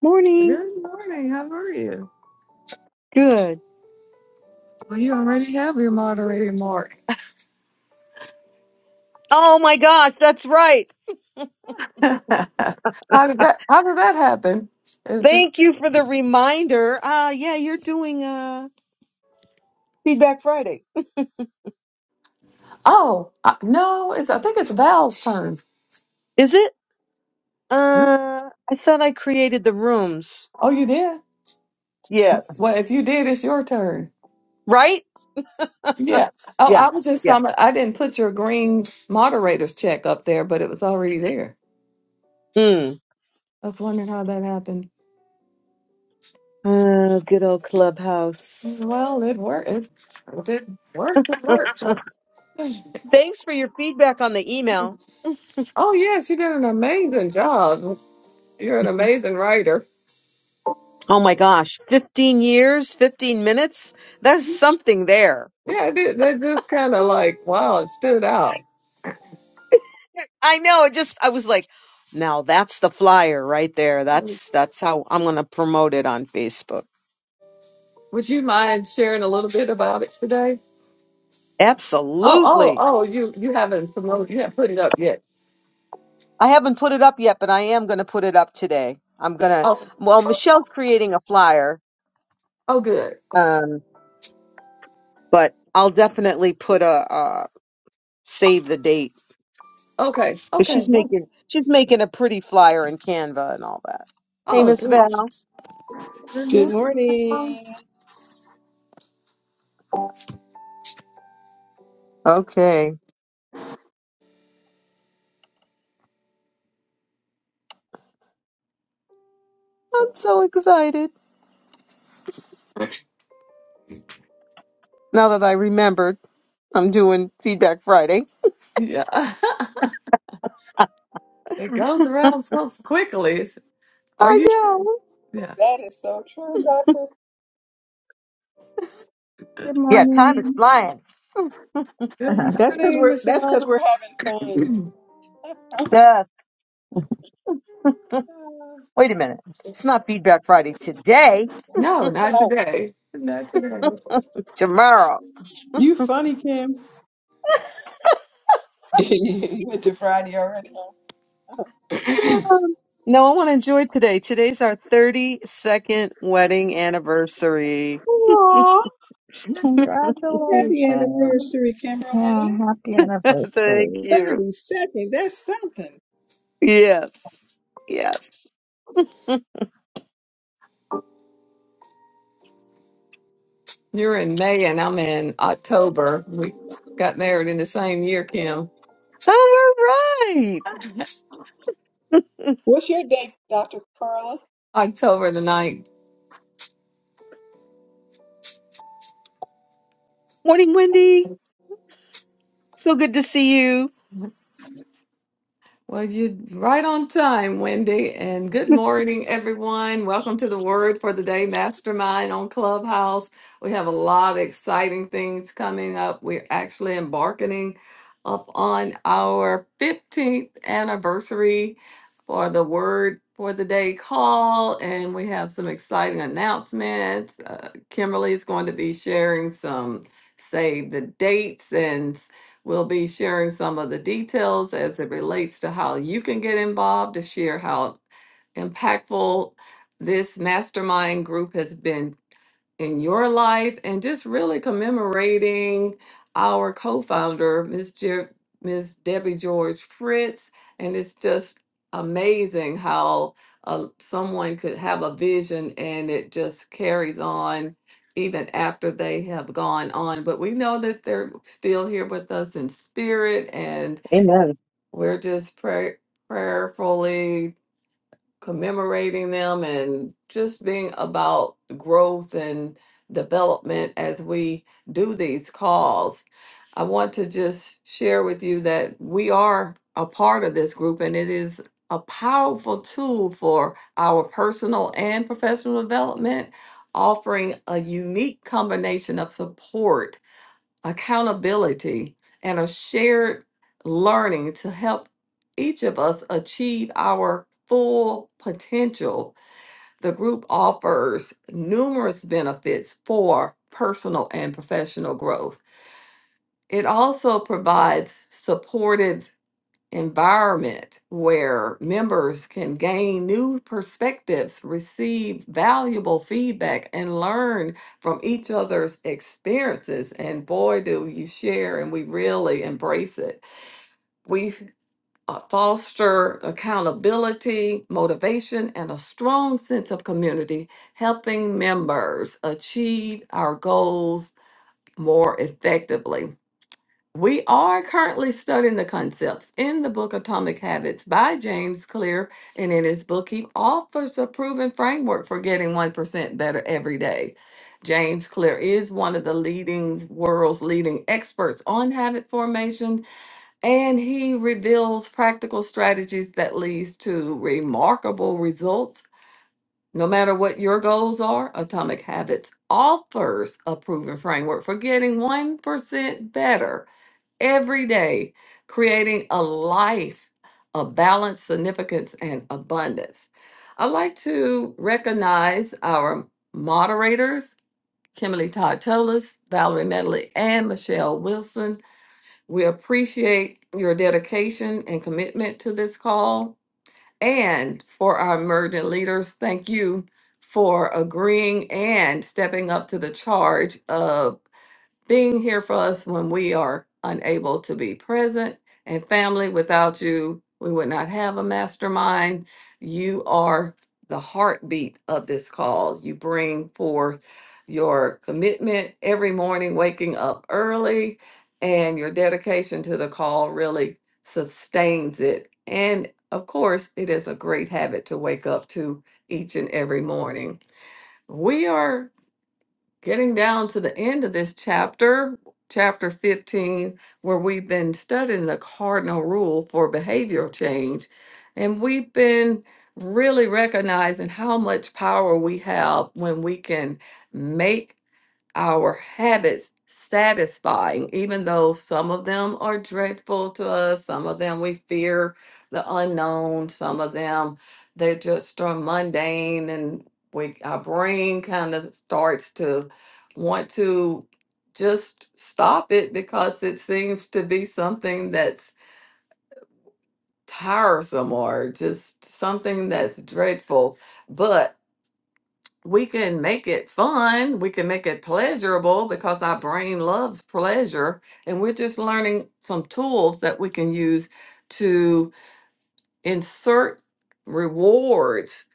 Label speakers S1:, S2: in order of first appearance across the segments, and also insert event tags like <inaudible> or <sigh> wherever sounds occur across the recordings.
S1: Morning.
S2: Good morning. How are you?
S1: Good.
S2: Well, you already have your moderating mark.
S1: Oh my gosh, that's right.
S2: <laughs> how did that? How did that happen? Is it?
S1: Thank you for the reminder. Uh yeah, you're doing uh Feedback Friday.
S2: Oh I, no! It's. I think it's Val's turn.
S1: Is it? Uh I thought I created the rooms.
S2: Oh, you did.
S1: Yes.
S2: Well, if you did, it's your turn.
S1: Right?
S2: Yeah. Oh,
S1: Yeah.
S2: I was just
S1: Yeah.
S2: some. I didn't put your green moderator's check up there, but it was already there.
S1: Mm.
S2: I was wondering how that happened.
S1: Uh, good old clubhouse. <laughs>
S2: Well, it worked. It, if it worked, it worked. So- <sighs>
S1: Thanks for your feedback on the email.
S2: Oh yes, you did an amazing job. You're an amazing writer.
S1: Oh my gosh, 15 years, 15 minutes. There's something there.
S2: Yeah, dude, that just kind of like, wow, it stood out.
S1: I know. It just I was like, now that's the flyer right there. That's
S2: Would
S1: that's how I'm going to promote it on Facebook.
S2: you mind sharing a little bit about it today? Oh, oh,
S1: Absolutely.
S2: oh, you you haven't promoted, you haven't put it up yet.
S1: I haven't put it up yet, but I am going to put it up today. I'm going to
S2: Oh,
S1: well, Michelle's creating a flyer,
S2: oh, good.
S1: um but I'll definitely put a uh save the date.
S2: Okay,
S1: But
S2: okay.
S1: she's making
S2: wonderful.
S1: she's making a pretty flyer in Canva and all that. Hey,
S2: Oh,
S1: Miss
S2: great.
S1: Val.
S2: Good
S3: Good
S2: morning,
S3: morning.
S2: everyone.
S1: Okay. I'm so excited. Now that I remembered I'm doing Feedback Friday.
S2: Yeah, <laughs> it goes around so quickly. Are
S1: I
S2: you?
S1: know.
S2: Yeah.
S3: That is so true, Doctor.
S4: Good
S1: Yeah, time is
S4: morning.
S1: flying.
S2: Good
S4: <laughs>
S3: That's because
S2: morning,
S3: we're that's
S2: Michelle.
S3: because we're having
S2: <clears throat>
S3: fun.
S1: Duh.
S3: Uh,
S1: Wait a minute. It's not Feedback Friday today,
S2: no, not
S3: No,
S2: today. Not today.
S1: tomorrow. <sighs>
S3: you funny, Kim. <laughs> you went to Friday already. Huh?
S1: Um, No, I want to enjoy today. Today's our 32nd wedding anniversary.
S3: Aw, happy
S4: Congratulations.
S3: anniversary,
S4: Yeah,
S3: Kimberly.
S4: happy
S1: <laughs> Thank
S4: anniversary.
S1: you.
S3: Thirty second. That's something.
S1: Yes. Yes.
S2: You're in May and I'm in October. We got married in the same year, Kim.
S1: Oh, all right.
S2: <laughs>
S3: What's your date, Doctor Carla?
S2: October the ninth.
S1: Morning, Wendy. So good to see you.
S2: Well, you're right on time, Wendy. And good morning, everyone. Welcome to the Word for the Day Mastermind on Clubhouse. We have a lot of exciting things coming up. We're actually embarking up on our 15th anniversary for the Word for the Day call. And we have some exciting announcements. Uh, Kimberly is going to be sharing some save the dates and We'll be sharing some of the details as it relates to how you can get involved, to share how impactful this mastermind group has been in your life and just really commemorating our co-founder miss Jer- miss debbie george fritz and it's just amazing how uh, someone could have a vision and it just carries on even after they have gone on but we know that they're still here with us in spirit and
S1: Amen.
S2: we're just pray- prayerfully commemorating them and just being about growth and development as we do these calls. I want to just share with you that we are a part of this group and it is a powerful tool for our personal and professional development, offering a unique combination of support accountability, and a shared learning to help each of us achieve our full potential. The group offers numerous benefits for personal and professional growth. It also provides supportive environment where members can gain new perspectives, receive valuable feedback, and learn from each other's experiences. And boy, do you share, and we really embrace it. We uh, foster accountability, motivation, and a strong sense of community, helping members achieve our goals more effectively. We are currently studying the concepts in the book Atomic Habits by James Clear, and in his book, he offers a proven framework for getting 1% better every day. James Clear is one of the leading world's leading experts on habit formation, and he reveals practical strategies that leads to remarkable results. No matter what your goals are, Atomic Habits offers a proven framework for getting 1% better every day, creating a life of balance, significance, and abundance. I'd like to recognize our moderators, Kimberly Todd Tolis, Valerie Medley, and Michelle Wilson. We appreciate your dedication and commitment to this call. And for our emerging leaders, thank you for agreeing and stepping up to the charge of being here for us when we are unable to be present. And family, without you, we would not have a mastermind. You are the heartbeat of this cause. You bring forth your commitment every morning, waking up early, and your dedication to the call really sustains it. And of course, it is a great habit to wake up to each and every morning. We are getting down to the end of this chapter, chapter 15, where we've been studying the cardinal rule for behavioral change. And we've been really recognizing how much power we have when we can make our habits satisfying, even though some of them are dreadful to us, some of them we fear the unknown, some of them they just are mundane and we our brain kind of starts to want to just stop it because it seems to be something that's tiresome or just something that's dreadful. But we can make it fun, we can make it pleasurable because our brain loves pleasure. And we're just learning some tools that we can use to insert rewards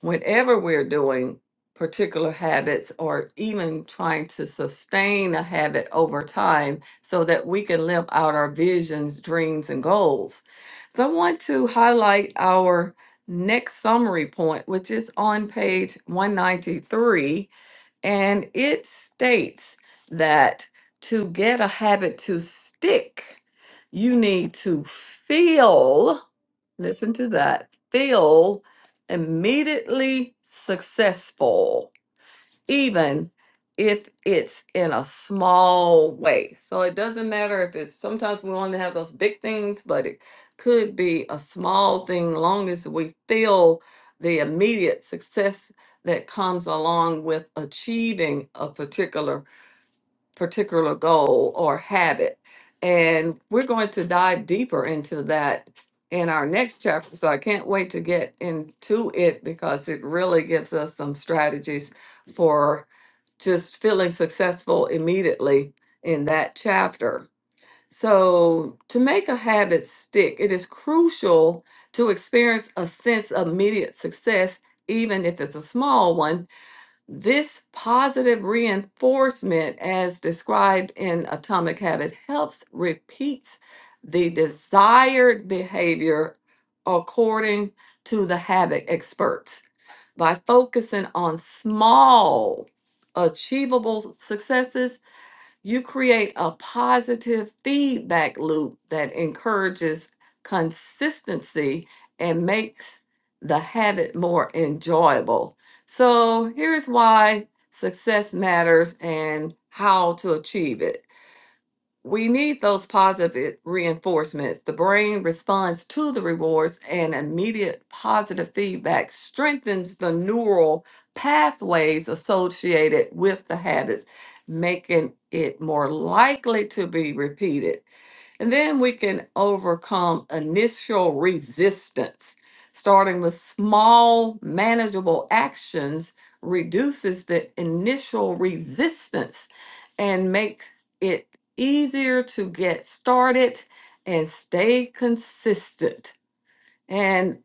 S2: whenever we're doing particular habits or even trying to sustain a habit over time so that we can live out our visions, dreams, and goals. So I want to highlight our next summary point, which is on page 193 and it states that to get a habit to stick, you need to feel, listen to that, feel immediately successful even if it's in a small way. So it doesn't matter if it's sometimes we want to have those big things, but it could be a small thing, long as we feel the immediate success that comes along with achieving a particular particular goal or habit. And we're going to dive deeper into that in our next chapter. So I can't wait to get into it because it really gives us some strategies for just feeling successful immediately in that chapter. So, to make a habit stick, it is crucial to experience a sense of immediate success, even if it's a small one this positive reinforcement, as described in Atomic Habit, helps repeats the desired behavior according to the habit experts. By focusing on small, achievable successes, you create a positive feedback loop that encourages consistency and makes the habit more enjoyable. So, here's why success matters and how to achieve it we need those positive reinforcements. The brain responds to the rewards, and immediate positive feedback strengthens the neural pathways associated with the habits, making it more likely to be repeated. And then we can overcome initial resistance. Starting with small, manageable actions reduces the initial resistance and makes it easier to get started and stay consistent. And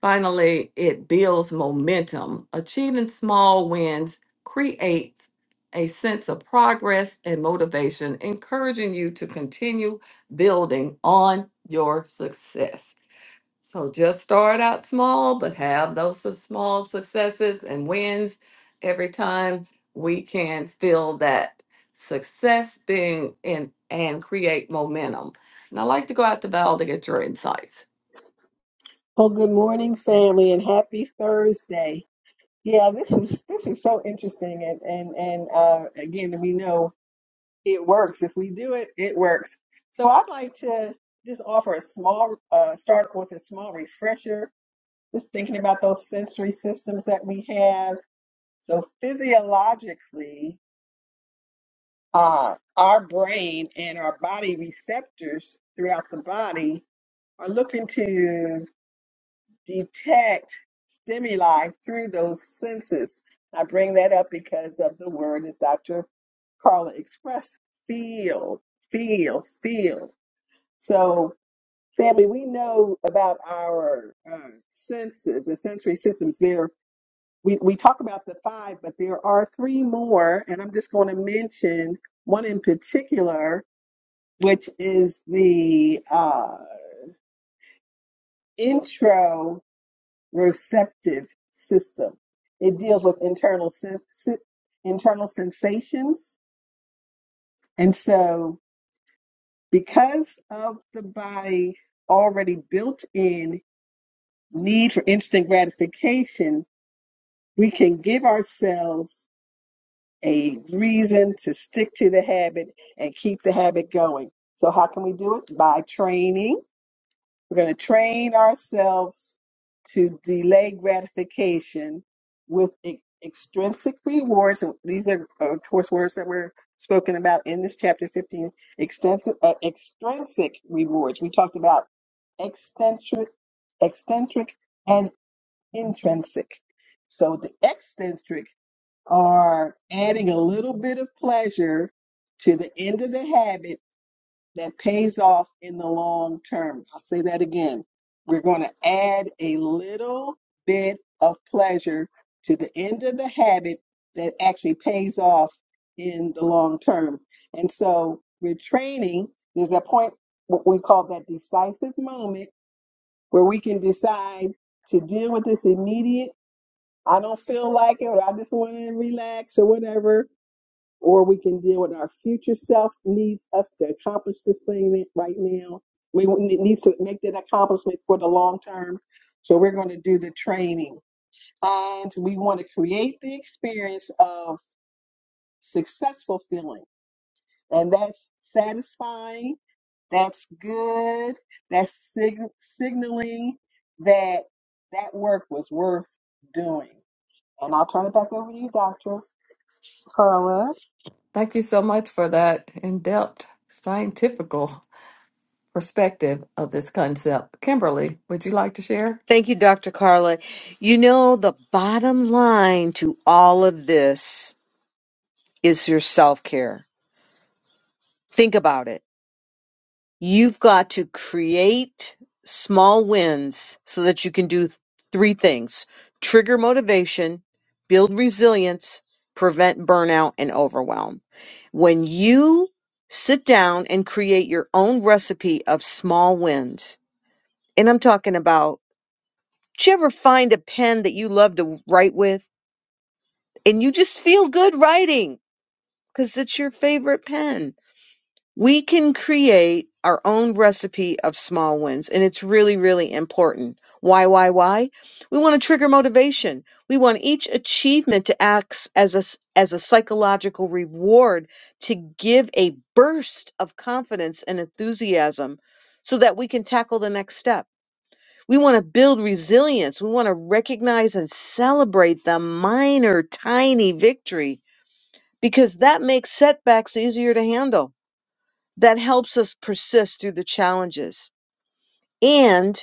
S2: finally, it builds momentum. Achieving small wins creates a sense of progress and motivation, encouraging you to continue building on your success. So just start out small, but have those su- small successes and wins every time we can feel that success being in and create momentum. And I like to go out to Val to get your insights.
S3: Oh, good morning, family, and happy Thursday. Yeah, this is this is so interesting and and and uh again we know it works. If we do it, it works. So I'd like to just offer a small uh start with a small refresher, just thinking about those sensory systems that we have. So physiologically, uh our brain and our body receptors throughout the body are looking to detect stimuli through those senses. I bring that up because of the word, as Dr. Carla expressed, feel, feel, feel. So, family, we know about our uh, senses, the sensory systems. There, we, we talk about the five, but there are three more, and I'm just going to mention one in particular, which is the uh, intro receptive system. It deals with internal sen- internal sensations, and so because of the body already built in need for instant gratification, we can give ourselves a reason to stick to the habit and keep the habit going. So how can we do it? By training We're going to train ourselves to delay gratification with e- extrinsic rewards. So These are, uh, of course, words that were spoken about in this chapter 15. Extensive, uh, extrinsic rewards. We talked about eccentric, eccentric, and intrinsic. So the eccentric are adding a little bit of pleasure to the end of the habit that pays off in the long term. I'll say that again. We're going to add a little bit of pleasure to the end of the habit that actually pays off in the long term. And so we're training. There's a point, what we call that decisive moment, where we can decide to deal with this immediate. I don't feel like it, or I just want to relax, or whatever or we can deal with our future self needs us to accomplish this thing right now. We need to make that accomplishment for the long term. So we're going to do the training and we want to create the experience of successful feeling. And that's satisfying. That's good. That's sig- signaling that that work was worth doing. And I'll turn it back over to you, Dr. Carla.
S2: Thank you so much for that in depth, scientifical. perspective of this concept. Kimberly, would you like to share?
S1: Thank you, Dr. Carla. You know, the bottom line to all of this is your self care. Think about it You've got to create small wins so that you can do three things trigger motivation, build resilience, prevent burnout and overwhelm. When you sit down and create your own recipe of small wins, and I'm talking about, did you ever find a pen that you love to write with and you just feel good writing because it's your favorite pen? we can create our own recipe of small wins and it's really really important why why why we want to trigger motivation we want each achievement to act as a s- as a psychological reward to give a burst of confidence and enthusiasm so that we can tackle the next step we want to build resilience we want to recognize and celebrate the minor tiny victory because that makes setbacks easier to handle that helps us persist through the challenges. And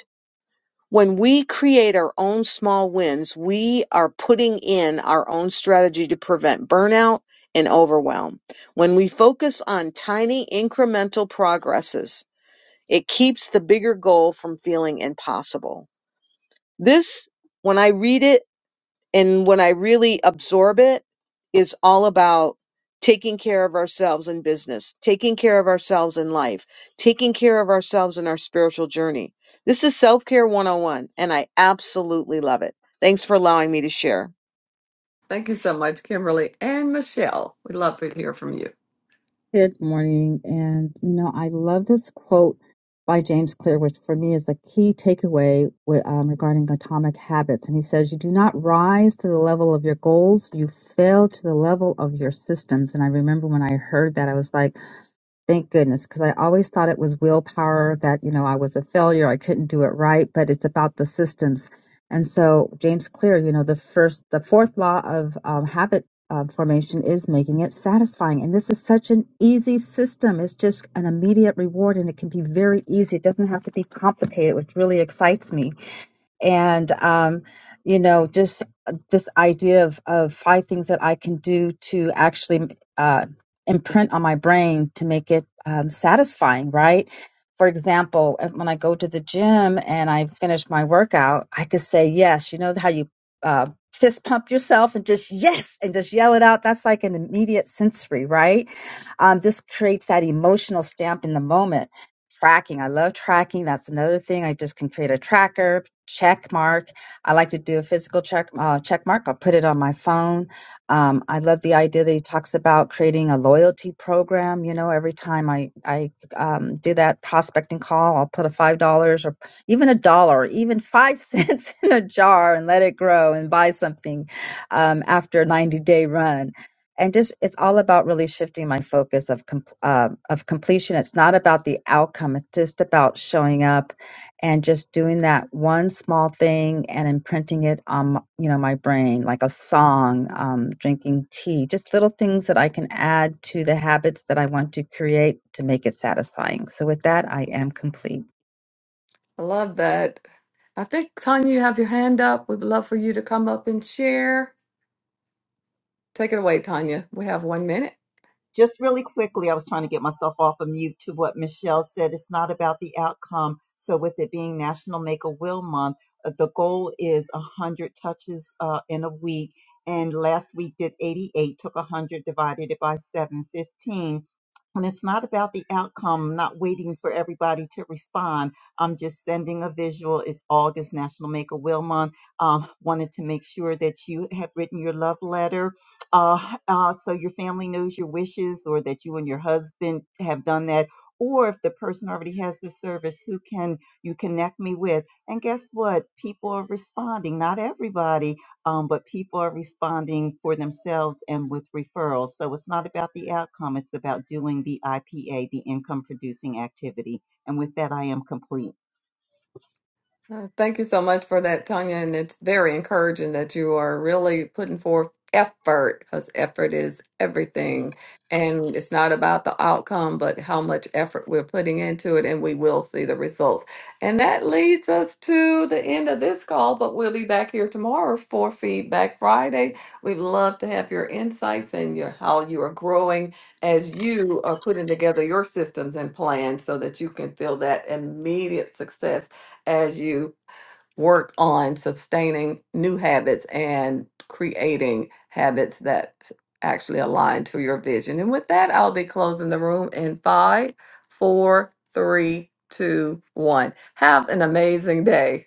S1: when we create our own small wins, we are putting in our own strategy to prevent burnout and overwhelm. When we focus on tiny incremental progresses, it keeps the bigger goal from feeling impossible. This, when I read it, and when I really absorb it is all about taking care of ourselves in business, taking care of ourselves in life, taking care of ourselves in our spiritual journey. This is Self Care 101, and I absolutely love it. Thanks for allowing me to share.
S2: Thank you so much, Kimberly and Michelle. We'd love to hear from you.
S4: Good morning. And, you know, I love this quote by James Clear, which for me is a key takeaway with, um, regarding atomic habits. And he says, You do not rise to the level of your goals, you fail to the level of your systems. And I remember when I heard that, I was like, Thank goodness, because I always thought it was willpower that, you know, I was a failure, I couldn't do it right, but it's about the systems. And so, James Clear, you know, the first, the fourth law of um, habit um, formation is making it satisfying. And this is such an easy system. It's just an immediate reward and it can be very easy. It doesn't have to be complicated, which really excites me and um, you know just uh, this idea of of five things that I can do to actually uh, imprint on my brain to make it um, satisfying, right? For example, uh, when I go to the gym and I finish my workout, I could say yes. You know how you uh, fist pump yourself and just yes and just yell it out. That's like an immediate sensory, right? Um, this creates that emotional stamp in the moment tracking. I love tracking. That's another thing. I just can create a tracker, check mark. I like to do a physical check uh, check mark. I'll put it on my phone. Um, I love the idea that he talks about creating a loyalty program. You know, every time I I um, do that prospecting call, I'll put a five dollars or even a dollar, or even five <laughs> cents in a jar and let it grow and buy something um, after a ninety day run and just it's all about really shifting my focus of com- um, of completion. It's not about the outcome; it's just about showing up and just doing that one small thing and imprinting it on m- you know my brain, like a song, um, drinking tea, just little things that I can add to the habits that I want to create to make it satisfying. So with that, I am complete.
S2: I love that. I think, Tanya, you have your hand up. We'd love for you to come up and share. Take it away, Tanya. We have one minute.
S5: just really quickly, I was trying to get myself off of mute to what Michelle said. It's not about the outcome. So, with it being National Make a Will Month, uh, the goal is 100 touches uh, in a week. And last week did 88, took 100, divided it by 715. And it's not about the outcome, not waiting for everybody to respond. I'm just sending a visual. It's August National Make a Will Month. Um, wanted to make sure that you have written your love letter uh, uh, so your family knows your wishes or that you and your husband have done that. Or if the person already has the service, who can you connect me with? And guess what? People are responding. Not everybody, um, but people are responding for themselves and with referrals. So it's not about the outcome, it's about doing the IPA, the income producing activity. And with that, I am complete.
S2: Uh, Thank you so much for that, Tanya. And it's very encouraging that you are really putting forth effort because effort is everything. And it's not about the outcome, but how much effort we're putting into it, and we will see the results. And that leads us to the end of this call, but we'll be back here tomorrow for Feedback Friday. We'd love to have your insights and your how you are growing as you are putting together your systems and plans so that you can feel that immediate success as you work on sustaining new habits and creating habits that s- actually align to your vision. And with that, I'll be closing the room in five, four, three, two, one. Have an amazing day.